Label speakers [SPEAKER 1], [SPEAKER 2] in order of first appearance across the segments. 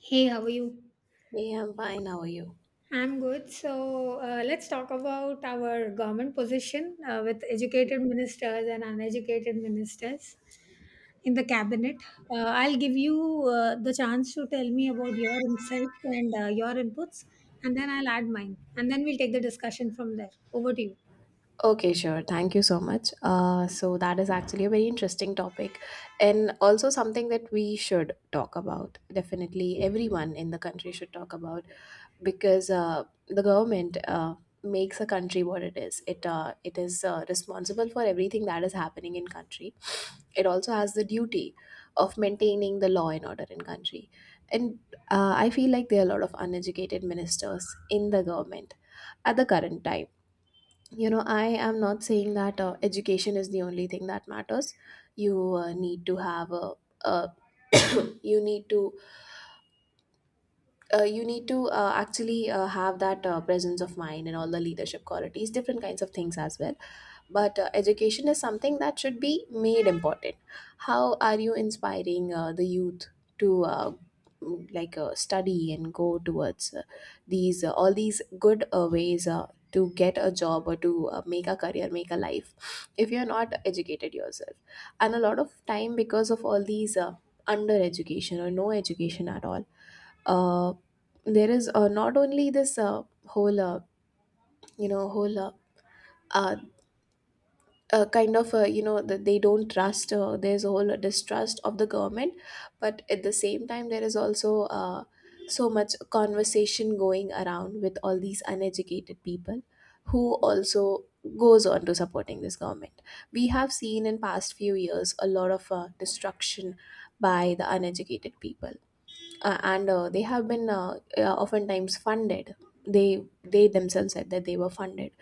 [SPEAKER 1] Hey, how are you?
[SPEAKER 2] Yeah, I'm fine. How are you?
[SPEAKER 1] I'm good. So let's talk about our government position with educated ministers and uneducated ministers in the cabinet. I'll give you the chance to tell me about your insights and your inputs, and then I'll add mine. And then we'll take the discussion from there. Over to you.
[SPEAKER 2] Okay, sure. Thank you so much. So that is actually a very interesting topic, and also something that we should talk about. Definitely, everyone in the country should talk about because the government makes a country what it is. It is responsible for everything that is happening in country. It also has the duty of maintaining the law and order in country, and I feel like there are a lot of uneducated ministers in the government at the current time. I am not saying that education is the only thing that matters. You need to have a uh, you need to you need to actually have that presence of mind and all the leadership qualities, different kinds of things as well, but education is something that should be made important. How are you inspiring the youth to like study and go towards these all these good ways to get a job or to make a career, make a life if you're not educated yourself? And a lot of time, because of all these under education or no education at all, uh, there is not only this whole you know whole uh, kind of that they don't trust, there's a whole distrust of the government, but at the same time there is also so much conversation going around with all these uneducated people who also goes on to supporting this government. We have seen in past few years a lot of destruction by the uneducated people, and they have been oftentimes funded. They themselves said that they were funded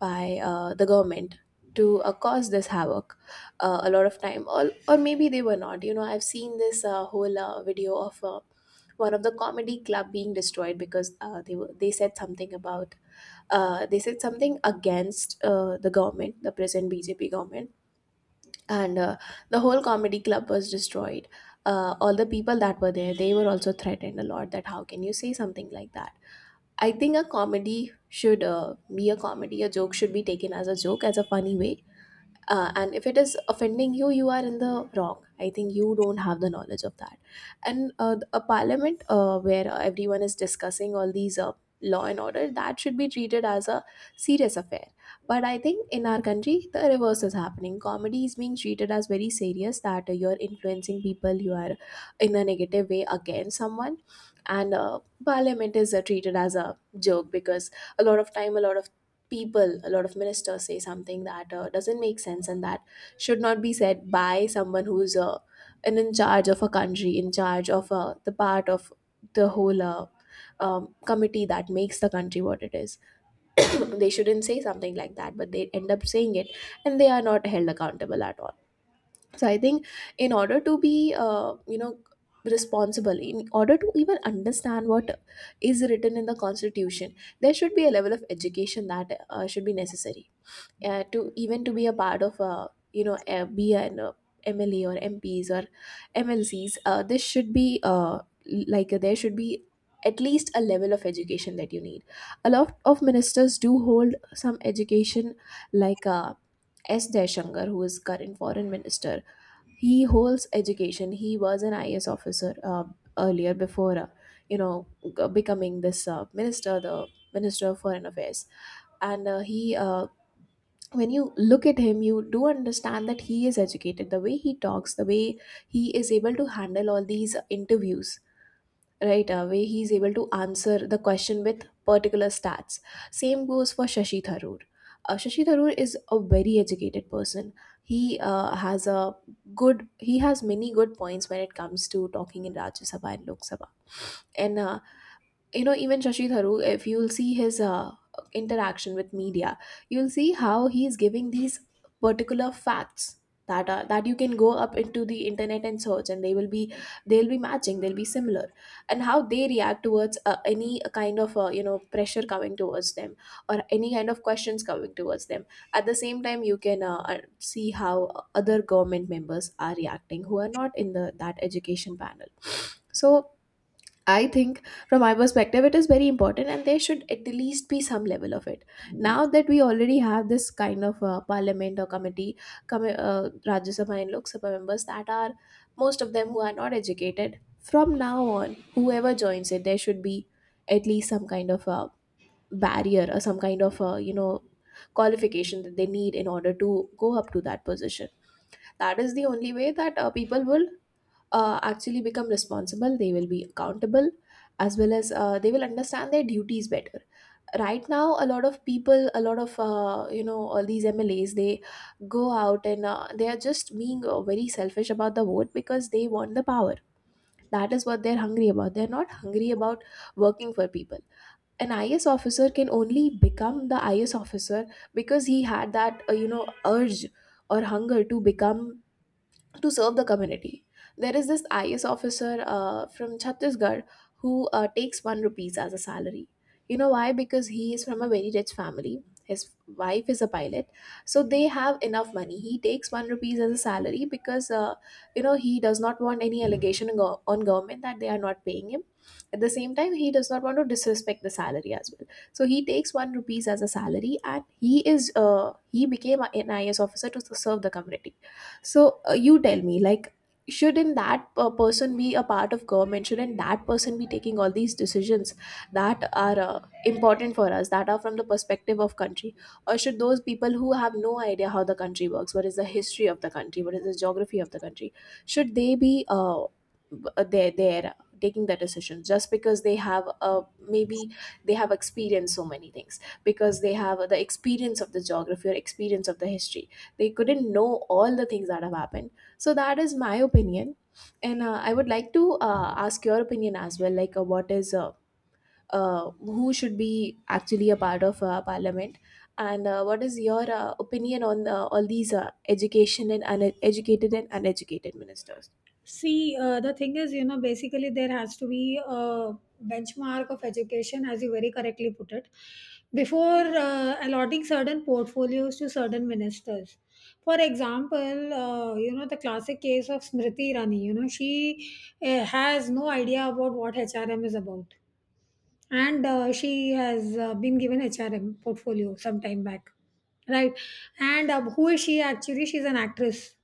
[SPEAKER 2] by the government to cause this havoc. A lot of time, or maybe they were not. I've seen this whole video of one of the comedy club being destroyed because they said something about they said something against the government, the present bjp government, and the whole comedy club was destroyed. All the people that were there, they were also threatened a lot that how can you say something like that. I think a comedy should be a comedy, a joke should be taken as a joke, as a funny way. And if it is offending you, you are in the wrong. I think you don't have the knowledge of that. And a parliament where everyone is discussing all these law and order, that should be treated as a serious affair. But I think in our country the reverse is happening. Comedy is being treated as very serious, that you're influencing people, you are in a negative way against someone. And parliament is treated as a joke because a lot of time, a lot of ministers say something that doesn't make sense, and that should not be said by someone who's an in charge of a country, in charge of the part of the whole committee that makes the country what it is. They shouldn't say something like that, but they end up saying it, and they are not held accountable at all. So I think in order to be, responsible, in order to even understand what is written in the constitution, there should be a level of education that should be necessary to even to be a part of a, be an MLA or MPs or MLCs, this should be like there should be at least a level of education that you need. A lot of ministers do hold some education, like S. Deshankar, who is current foreign minister. He holds education. He was an IS officer earlier before you know becoming this minister, the minister of foreign affairs. And he when you look at him, you do understand that he is educated, the way he talks, the way he is able to handle all these interviews, right? Way he is able to answer the question with particular stats. Same goes for shashi tharoor. Shashi tharoor is a very educated person. He has a good, he has many good points when it comes to talking in rajya sabha and lok sabha. And even shashi tharoor, if you'll see his interaction with media, you'll see how he's giving these particular facts that are, that you can go up into the internet and search and they will be, they'll be matching, they'll be similar. And how they react towards any kind of pressure coming towards them or any kind of questions coming towards them. At the same time you can see how other government members are reacting, who are not in the that education panel. So I think from my perspective, it is very important, and there should at the least be some level of it. Now that we already have this kind of parliament or committee, Rajya Sabha and Lok Sabha members that are most of them who are not educated, from now on, whoever joins it, there should be at least some kind of a barrier or some kind of a, you know, qualification that they need in order to go up to that position. That is the only way that people will actually become responsible, they will be accountable, as well as they will understand their duties better. Right now, a lot of people, a lot of all these mlas, they go out and they are just being very selfish about the vote because they want the power. That is what they're hungry about, they're not hungry about working for people. An is officer can only become the is officer because he had that urge or hunger to become, to serve the community. There is this IS officer from Chhattisgarh who takes one rupees as a salary. You know why? Because he is from a very rich family. His wife is a pilot, so they have enough money. He takes one rupees as a salary because he does not want any allegation on government that they are not paying him. At the same time, he does not want to disrespect the salary as well. So he takes one rupees as a salary, and he became an IS officer to serve the community. So you tell me, like, shouldn't that person be a part of government, shouldn't that person be taking all these decisions that are important for us, that are from the perspective of country? Or should those people who have no idea how the country works, what is the history of the country, what is the geography of the country, should they be there there taking the decisions just because they have maybe they have experienced so many things because they have the experience of the geography or experience of the history, they couldn't know all the things that have happened? So that is my opinion, and I would like to ask your opinion as well, like what is who should be actually a part of parliament, and what is your opinion on all these education and uneducated ministers?
[SPEAKER 1] See, the thing is, you know, basically there has to be a benchmark of education, as you very correctly put it, before allotting certain portfolios to certain ministers. For example, you know, the classic case of Smriti Irani. You know, she has no idea about what HRM is about. And she has been given HRM portfolio some time back, right? And who is she actually? She's an actress,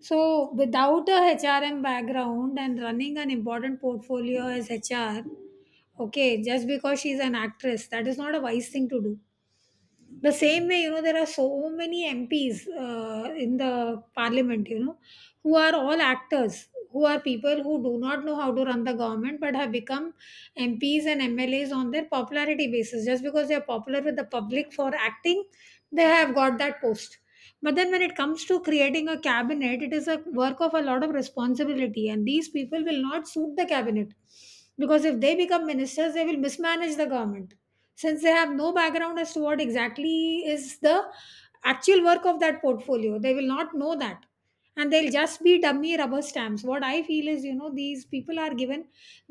[SPEAKER 1] so without a HRM background and running an important portfolio as HR, okay, just because she's an actress, that is not a wise thing to do. The same way, you know, there are so many MPs in the parliament, you know, who are all actors, who are people who do not know how to run the government but have become MPs and MLAs on their popularity basis. Just because they are popular with the public for acting, they have got that post. But then when it comes to creating a cabinet, it is a work of a lot of responsibility, and these people will not suit the cabinet because if they become ministers, they will mismanage the government since they have no background as to what exactly is the actual work of that portfolio. They will not know that, and they'll just be dummy rubber stamps. What I feel is, you know, these people are given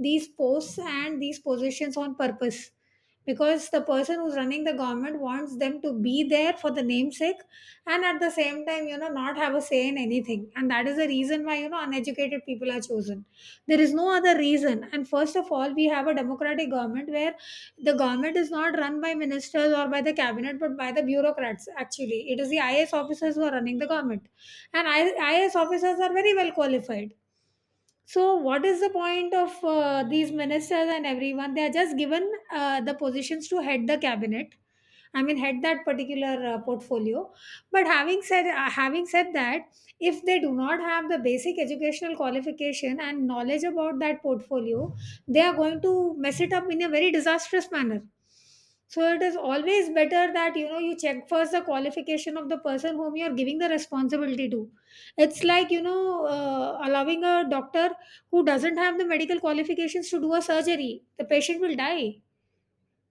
[SPEAKER 1] these posts and these positions on purpose because the person who's running the government wants them to be there for the namesake and at the same time, you know, not have a say in anything. And that is the reason why, you know, uneducated people are chosen. There is no other reason. And first of all, we have a democratic government where the government is not run by ministers or by the cabinet but by the bureaucrats. Actually, it is the IAS officers who are running the government. And IS officers are very well qualified. So what is the point of these ministers and everyone? They are just given the positions to head the cabinet. I mean, had that particular portfolio. But having said that, if they do not have the basic educational qualification and knowledge about that portfolio, they are going to mess it up in a very disastrous manner. So it is always better that you know you check first the qualification of the person whom you are giving the responsibility to. It's like, you know, allowing a doctor who doesn't have the medical qualifications to do a surgery. The patient will die.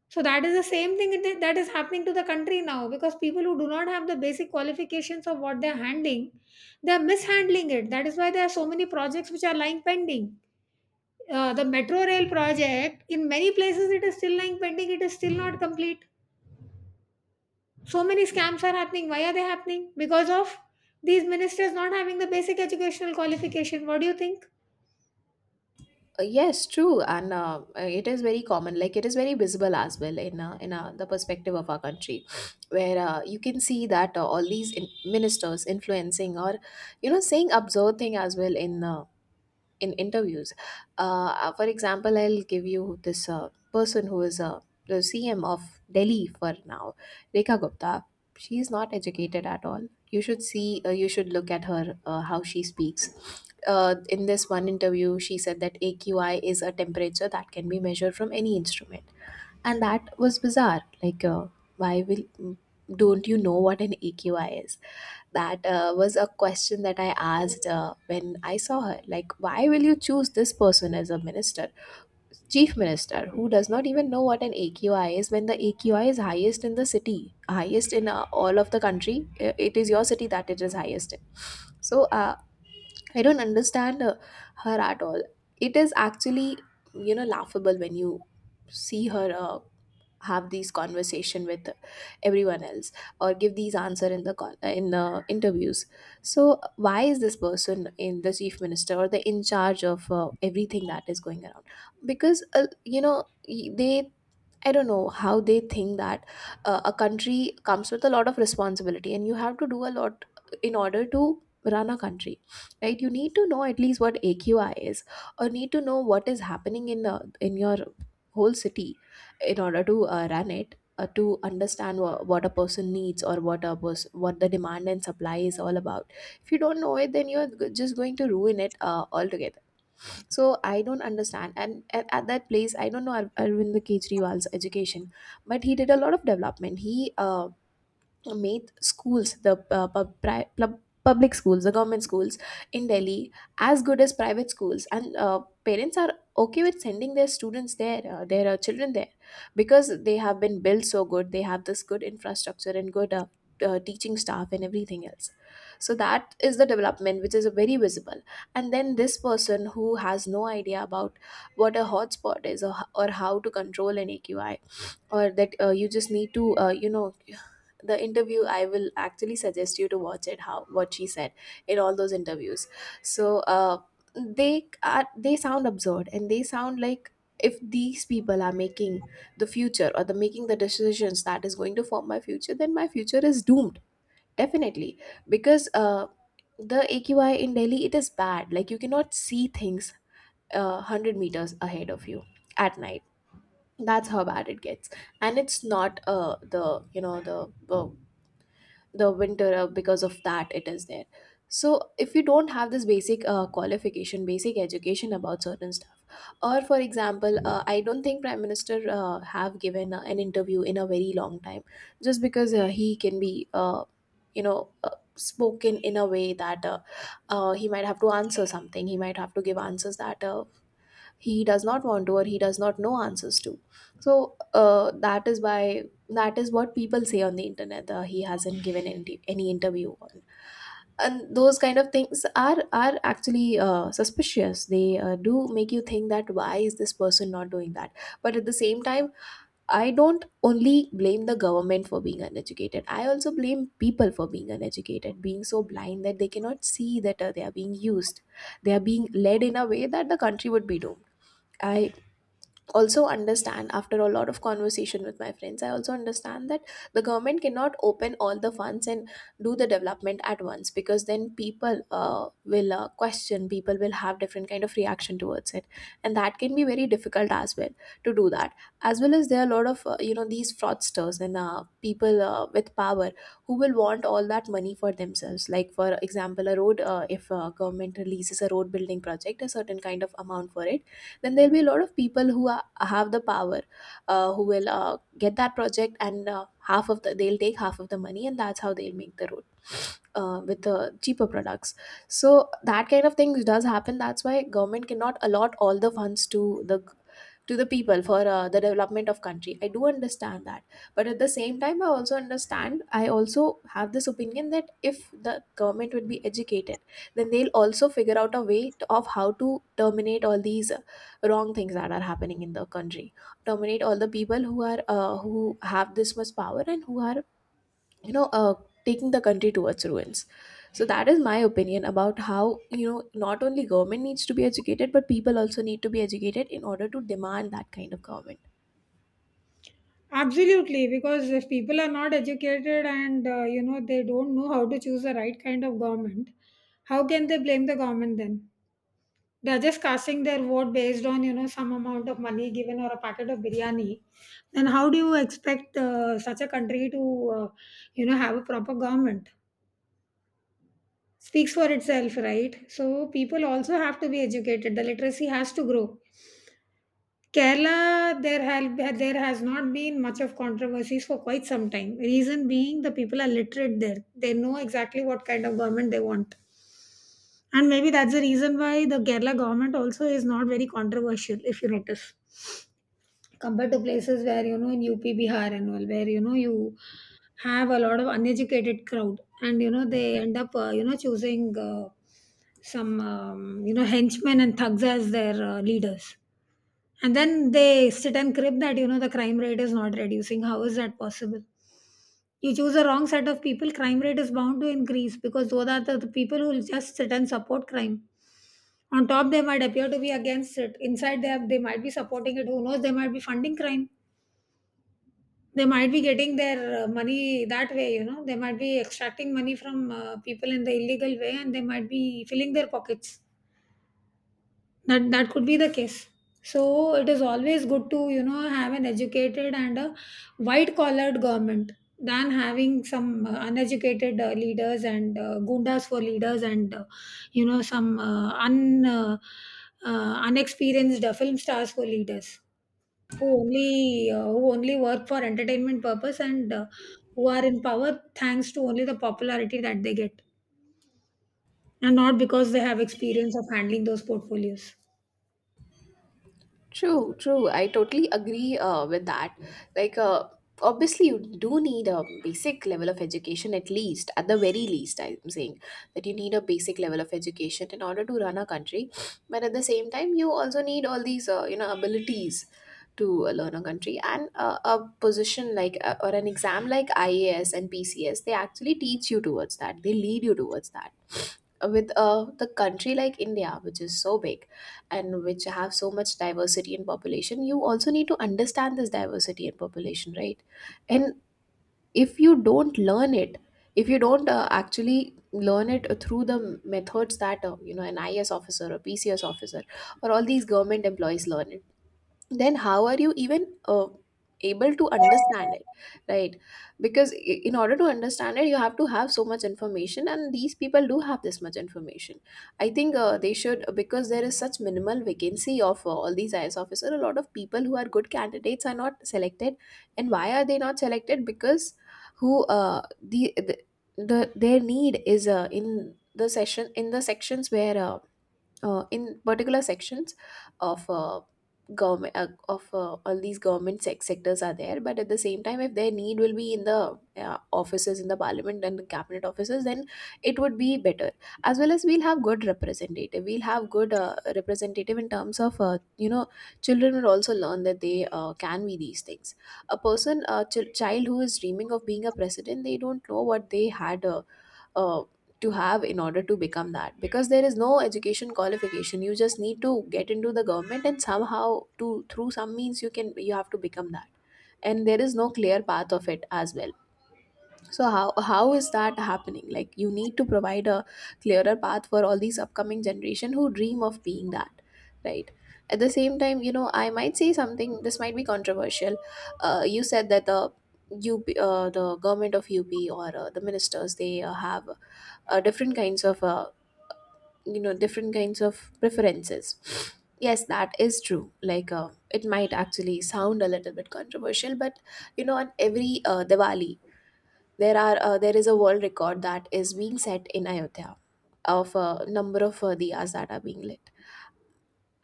[SPEAKER 1] So that is the same thing that is happening to the country now because people who do not have the basic qualifications of what they're handling, they're mishandling it. That is why there are so many projects which are lying pending. The metro rail project, in many places, it is still lying pending, it is still not complete. So many scams are happening. Why are they happening? Because of these ministers not having the basic educational qualification. What do you think?
[SPEAKER 2] Yes, true, and it is very common. Like, it is very visible as well in the perspective of our country, where you can see that all these ministers influencing, or, you know, saying absurd thing as well in interviews. For example, I'll give you this person who is the CM of Delhi for now, Rekha Gupta. She is not educated at all. You should see, you should look at her, how she speaks. In this one interview, she said that AQI is a temperature that can be measured from any instrument. And that was bizarre. Like, why will, don't you know what an AQI is? That was a question that I asked when I saw her. Like, why will you choose this person as a minister, chief minister, who does not even know what an AQI is, when the AQI is highest in the city, highest in all of the country? It is your city that it is highest in. So, I don't understand her at all. It is actually, you know, laughable when you see her. Have these conversation with everyone else or give these answer in the in the interviews. So why is this person in the chief minister or the in charge of everything that is going around? Because they, I don't know how they think that a country comes with a lot of responsibility and you have to do a lot in order to run a country, right? You need to know at least what aqi is, or need to know what is happening in your whole city in order to run it, to understand what a person needs or what a what the demand and supply is all about. If you don't know it, then you're just going to ruin it altogether. So I don't understand, and at that place, I don't know arvind kejriwal's education, but he did a lot of development. He made schools, the public schools, the government schools in Delhi, as good as private schools, and parents are okay with sending their students there, their children there, because they have been built so good. They have this good infrastructure and good teaching staff and everything else. So that is the development which is very visible. And then this person who has no idea about what a hotspot is, or how to control an AQI, or that you just need to uh, the interview, I will actually suggest you to watch it, how what she said in all those interviews. So uh, they are, they sound absurd, and they sound like if these people are making the future or the making the decisions that is going to form my future, then my future is doomed, definitely. Because the aqi in delhi, it is bad. Like, you cannot see things 100 meters ahead of you at night. That's how bad it gets. And it's not the you know the winter because of that it is there. So if you don't have this basic qualification, basic education about certain stuff. Or for example, I don't think prime minister have given an interview in a very long time, just because he can be you know uh, spoken in a way that he might have to answer something, he might have to give answers that he does not want to, or he does not know answers to. So that is why, that is what people say on the internet, he hasn't given any interview on. And those kind of things are actually suspicious. They do make you think that why is this person not doing that. But at the same time, I don't only blame the government for being uneducated, I also blame people for being uneducated, being so blind that they cannot see that they are being used, they are being led in a way that the country would be doomed. I also understand, after a lot of conversation with my friends, I also understand that the government cannot open all the funds and do the development at once, because then people will question, people will have different kind of reaction towards it, and that can be very difficult as well to do that. As well as there are a lot of uh, these fraudsters and people with power who will want all that money for themselves. Like for example, a road, if government releases a road building project, a certain kind of amount for it, then there'll be a lot of people who have the power, who will get that project, and half of the they'll take half of the money, and that's how they'll make the road with the cheaper products. So that kind of things does happen, that's why government cannot allot all the funds to the, to the people for the development of country. I do understand that. But at the same time, I also understand, I also have this opinion, that if the government would be educated, then they'll also figure out a way of how to terminate all these wrong things that are happening in the country, terminate all the people who are who have this much power and who are you know uh, taking the country towards ruins. So that is my opinion about how, you know, not only government needs to be educated, but people also need to be educated in order to demand that kind of government.
[SPEAKER 1] Absolutely, because if people are not educated and you know they don't know how to choose the right kind of government, how can they blame the government then? They're just casting their vote based on, you know, some amount of money given or a packet of biryani. Then how do you expect such a country to uh, you know, have a proper government? Speaks for itself, right? So people also have to be educated. The literacy has to grow. Kerala, there has not been much of controversies for quite some time. Reason being, the people are literate there; they know exactly what kind of government they want, and maybe that's the reason why the Kerala government also is not very controversial. If you notice, compared to places where you know in UP, Bihar, and all, where you know you have a lot of uneducated crowd, and you know they end up you know choosing some you know henchmen and thugs as their leaders, and then they sit and crib that, you know, the crime rate is not reducing. How is that possible? You choose a wrong set of people, crime rate is bound to increase because those are the people who will just sit and support crime. On top, they might appear to be against it. Inside, they might be supporting it. Who knows? They might be funding crime. They might be getting their money that way, you know. They might be extracting money from people in the illegal way, and they might be filling their pockets. That could be the case. So it is always good to, you know, have an educated and a white collared government than having some uneducated leaders and gundas for leaders and you know, some un uh, unexperienced film stars for leaders who only work for entertainment purpose and who are in power thanks to only the popularity that they get and not because they have experience of handling those portfolios.
[SPEAKER 2] True, true. I totally agree with that. Like, obviously, you do need a basic level of education, at least, at the very least, I'm saying that you need a basic level of education in order to run a country. But at the same time, you also need all these, you know, abilities to learn a country. And a position like, or an exam like IAS and PCS, they actually teach you towards that, they lead you towards that. With the country like India, which is so big and which have so much diversity in population, you also need to understand this diversity in population, right? And if you don't learn it, if you don't actually learn it through the methods that uh, an is officer or pcs officer or all these government employees learn it, then how are you even able to understand it, right? Because in order to understand it, you have to have so much information, and these people do have this much information. I think they should, because there is such minimal vacancy of all these is officers, a lot of people who are good candidates are not selected. And why are they not selected? Because who the their need is in the sections where in particular sections of government of all these government sectors are there. But at the same time, if their need will be in the offices, in the parliament and the cabinet offices, then it would be better, as well as we'll have good representative, we'll have good representative in terms of, uh, children will also learn that they can be these things. A person, a child who is dreaming of being a president, they don't know what they had uh, to have in order to become that, because there is no education qualification. You just need to get into the government, and somehow, to through some means, you can, you have to become that. And there is no clear path of it as well. So how is that happening? Like, you need to provide a clearer path for all these upcoming generation who dream of being that, right? At the same time, you know, I might say something, this might be controversial. You said that the UP, the government of UP, or the ministers, they have different kinds of, uh, different kinds of preferences. Yes, that is true. Like, it might actually sound a little bit controversial, but you know, on every diwali, there are there is a world record that is being set in ayodhya, of number of diyas that are being lit.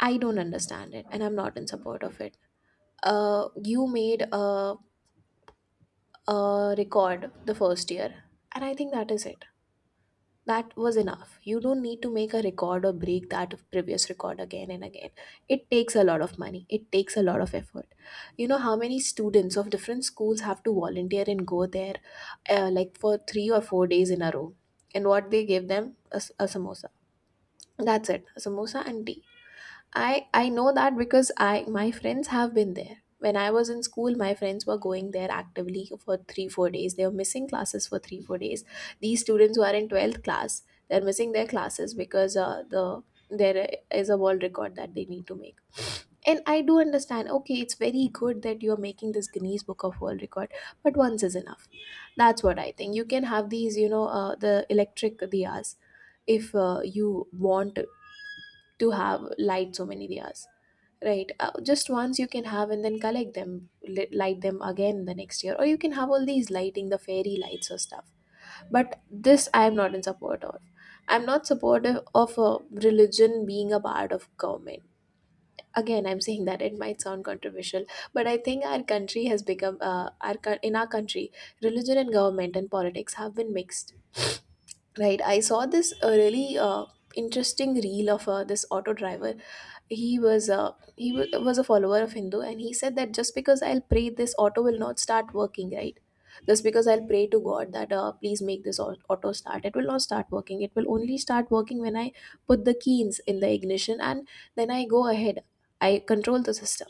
[SPEAKER 2] I don't understand it, and I'm not in support of it. uh, you made a record the first year, and I think that is it. That was enough. You don't need to make a record or break that previous record again and again. It takes a lot of money, it takes a lot of effort. You know how many students of different schools have to volunteer and go there, like for 3 or 4 days in a row. And what, they give them a, a samosa. That's it. A samosa and tea. I know that, because I, my friends have been there. When I was in school, my friends were going there actively for 3 or 4 days. They were missing classes for 3 or 4 days. These students who are in twelfth class, they're missing their classes because there is a world record that they need to make. And I do understand. Okay, it's very good that you are making this Guinness Book of World Record, but once is enough. That's what I think. You can have these, you know, the electric diyas if you want to have light so many diyas. Right. Just once you can have, and then collect them, light them again the next year. Or you can have all these lighting, the fairy lights or stuff. But this I am not in support of. I'm not supportive of a religion being a part of government. Again, I'm saying that it might sound controversial, but I think our country has become, in our country, religion and government and politics have been mixed. Right. I saw this really interesting reel of this auto driver. He was a follower of hindu, and he said that just because I'll pray, this auto will not start working, right? Just because I'll pray to god that, please make this auto start, it will not start working. It will only start working when I put the keys in the ignition and then I go ahead, I control the system.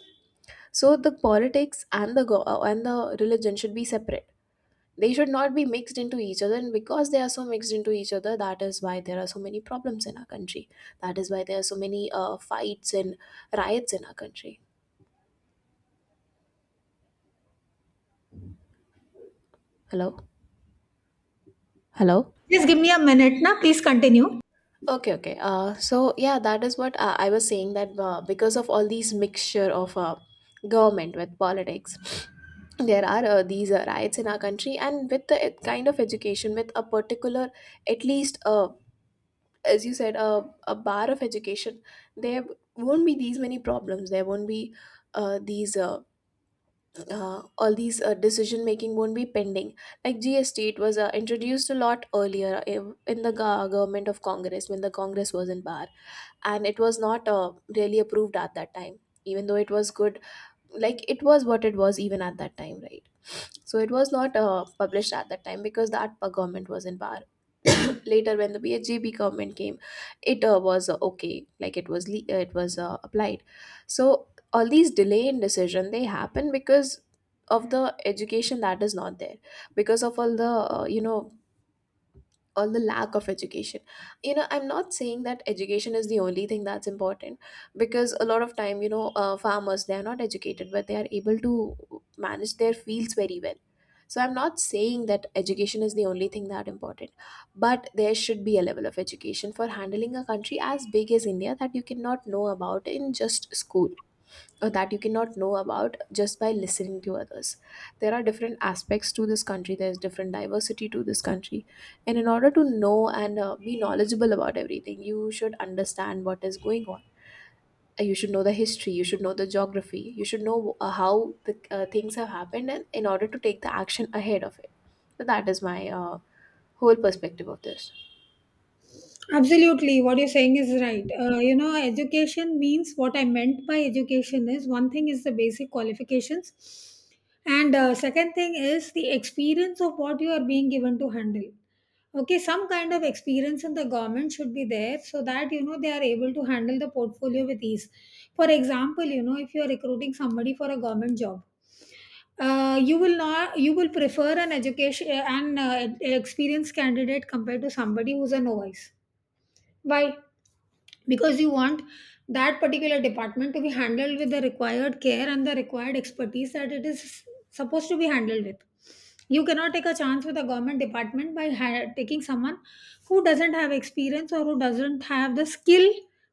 [SPEAKER 2] So the politics and the religion should be separate. They should not be mixed into each other, and because they are so mixed into each other, that is why there are so many problems in our country. That is why there are so many fights and riots in our country. Hello? Hello?
[SPEAKER 1] Just give me a minute, na. Please continue.
[SPEAKER 2] Okay. So yeah, that is what I was saying, that because of all these mixture of government with politics, there are these riots in our country. And with the kind of education, with a particular, at least a, as you said, a bar of education, there won't be these many problems. There won't be these all these decision making won't be pending. Like GST, it was introduced a lot earlier in government of congress, when the congress was in bar, and it was not really approved at that time, even though it was good. Like it was what it was even at that time, right? So it was not published at that time because that government was in power. Later when the bhjb government came, it was, okay, like it was it was applied. So all these delay in decision, they happen because of the education that is not there, because of all the or the lack of education. You know, I'm not saying that education is the only thing that's important, because a lot of time, farmers, they are not educated, but they are able to manage their fields very well. So I'm not saying that education is the only thing that important, but there should be a level of education for handling a country as big as india that you cannot know about in just school, that you cannot know about just by listening to others. There are different aspects to this country, there's different diversity to this country. And in order to know and be knowledgeable about everything, you should understand what is going on. You should know the history, you should know the geography, you should know how the things have happened, and in order to take the action ahead of it. So that is my whole perspective of this.
[SPEAKER 1] Absolutely, what you're saying is right. You know, education means what I meant by education is one thing is the basic qualifications, and second thing is the experience of what you are being given to handle. Okay, some kind of experience in the government should be there so that you know they are able to handle the portfolio with ease. For example, you know, if you are recruiting somebody for a government job, you will not, you will prefer an education an experienced candidate compared to somebody who's a novice. Why? Because you want that particular department to be handled with the required care and the required expertise that it is supposed to be handled with. You cannot take a chance with a government department by taking someone who doesn't have experience or who doesn't have the skill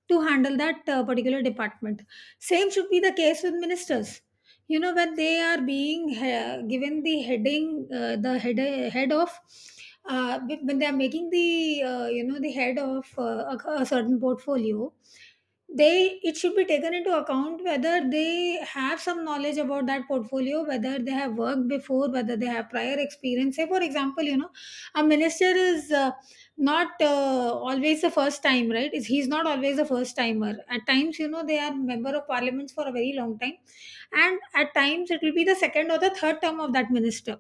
[SPEAKER 1] to handle that particular department. Same should be the case with ministers. You know, when they are being given the head of when they are making the you know, the head of a certain portfolio, they, it should be taken into account whether they have some knowledge about that portfolio, whether they have worked before, whether they have prior experience. Say for example, you know, a minister is not always the first time, right? Is he's not always the first timer. At times, you know, they are member of parliaments for a very long time, and at times it will be the second or the third term of that minister.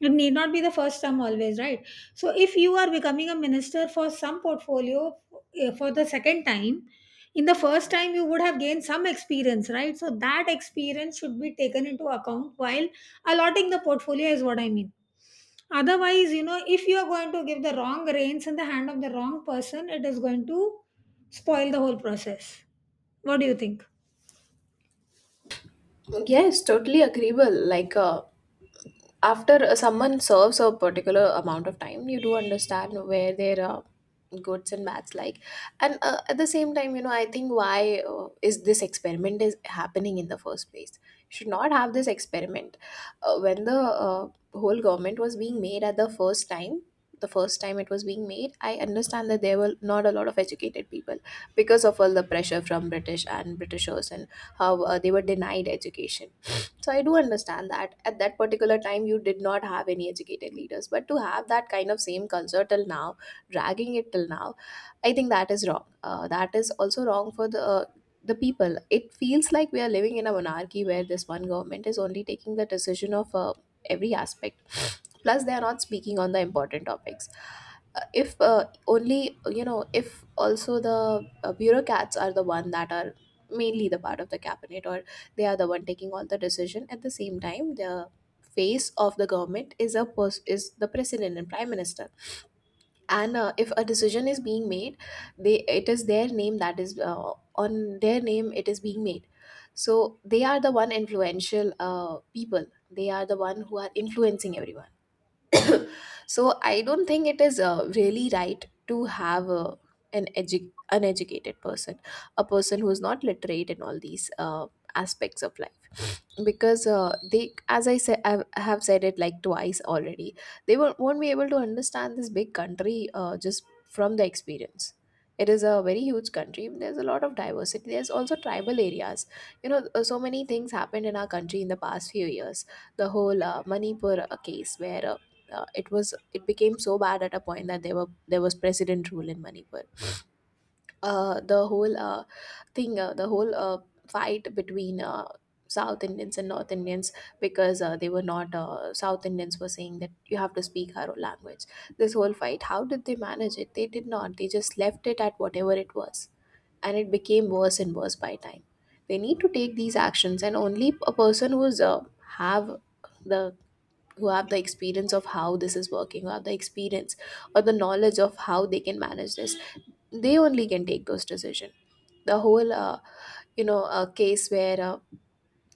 [SPEAKER 1] It need not be the first term always, right? So if you are becoming a minister for some portfolio, for the second time, in the first time you would have gained some experience, right? So that experience should be taken into account while allotting the portfolio, is what I mean. Otherwise, you know, if you are going to give the wrong reins in the hand of the wrong person, it is going to spoil the whole process. What do you think?
[SPEAKER 2] Yes, totally agreeable. Like, after someone serves a particular amount of time, you do understand where their goods and bads, like. And at the same time, you know, I think why is this experiment is happening in the first place? Should not have this experiment when the whole government was being made at the first time. The first time it was being made, I understand that there were not a lot of educated people because of all the pressure from british and britishers and how they were denied education. So I do understand that at that particular time you did not have any educated leaders, but to have that kind of same culture till now, dragging it till now, I think that is wrong. That is also wrong for the people. It feels like we are living in a monarchy where this one government is only taking the decision of every aspect. Plus they are not speaking on the important topics. If only, you know, if also the bureaucrats are the one that are mainly the part of the cabinet, or they are the one taking all the decision. At the same time, the face of the government is is the president and prime minister, and if a decision is being made, they, it is their name that is on, their name it is being made. So they are the one influential people. They are the one who are influencing everyone. So I don't think it is really right to have uneducated person, a person who is not literate in all these aspects of life. Because they, as I said, I have said it like twice already, they won't be able to understand this big country just from the experience. It is a very huge country, there's a lot of diversity, there's also tribal areas. You know, so many things happened in our country in the past few years. The whole manipur case where it was, it became so bad at a point that there was president rule in manipur. The whole thing, the whole fight between South Indians and North Indians, because they were not, South Indians were saying that you have to speak our own language. This whole fight, how did they manage it? They did not. They just left it at whatever it was. And it became worse and worse by time. They need to take these actions, and only a person who's have the who have the experience of how this is working, who have the experience or the knowledge of how they can manage this, they only can take those decisions. The whole case where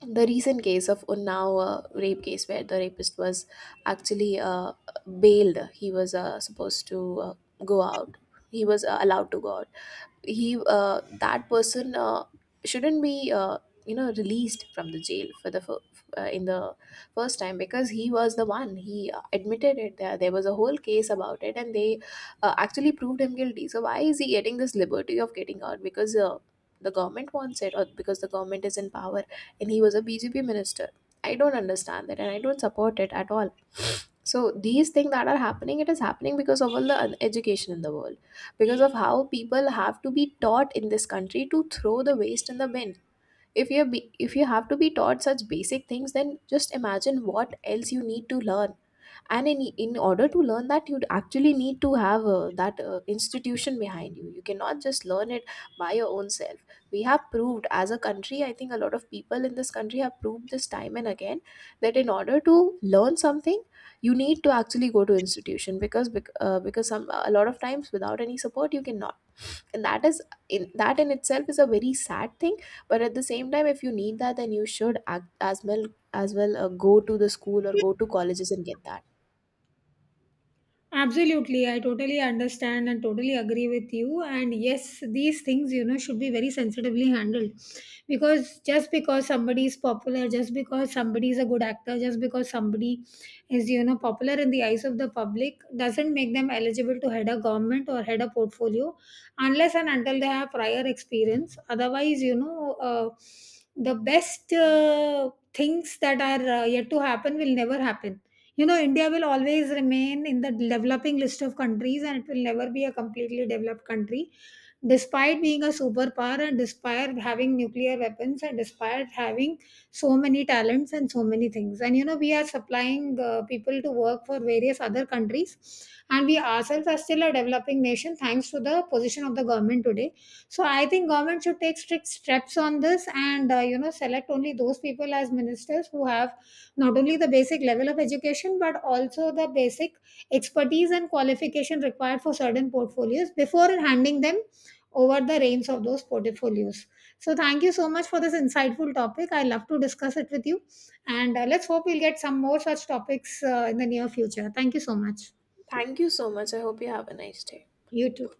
[SPEAKER 2] the recent case of Unnao rape case, where the rapist was actually bailed. He was supposed to uh, go out, he was allowed to go out. He that person shouldn't be, you know, released from the jail for in the first time, because he was the one, he admitted it there, there was a whole case about it, and they actually proved him guilty. So why is he getting this liberty of getting out? Because the government wants it, or because the government is in power, and he was a BJP minister. I don't understand that, and I don't support it at all. So these things that are happening, it is happening because of all the education in the world, because of how people have to be taught in this country to throw the waste in the bin. If you have to be taught such basic things, then just imagine what else you need to learn. And in order to learn that, you'd actually need to have that institution behind you. You cannot just learn it by your own self. We have proved as a country, I think a lot of people in this country have proved this time and again, that in order to learn something, you need to actually go to institution. Because because some a lot of times without any support you cannot. And that is, in that in itself is a very sad thing. But at the same time, if you need that, then you should act as well. As well, go to the school or go to colleges and get that.
[SPEAKER 1] Absolutely, I totally understand and totally agree with you. And yes, these things, you know, should be very sensitively handled because just because somebody is popular, just because somebody is a good actor, just because somebody is, you know, popular in the eyes of the public doesn't make them eligible to head a government or head a portfolio unless and until they have prior experience. Otherwise, you know, the best things that are yet to happen will never happen. You know, India will always remain in the developing list of countries, and it will never be a completely developed country, despite being a superpower and despite having nuclear weapons and despite having so many talents and so many things. And, you know, we are supplying people to work for various other countries, and we ourselves are still a developing nation thanks to the position of the government today. So I think government should take strict steps on this and, you know, select only those people as ministers who have not only the basic level of education but also the basic expertise and qualification required for certain portfolios before handing them over the reins of those portfolios. So thank you so much for this insightful topic. I love to discuss it with you. And let's hope we'll get some more such topics in the near future. Thank you so much.
[SPEAKER 2] Thank you so much, I hope you have a nice day.
[SPEAKER 1] You too.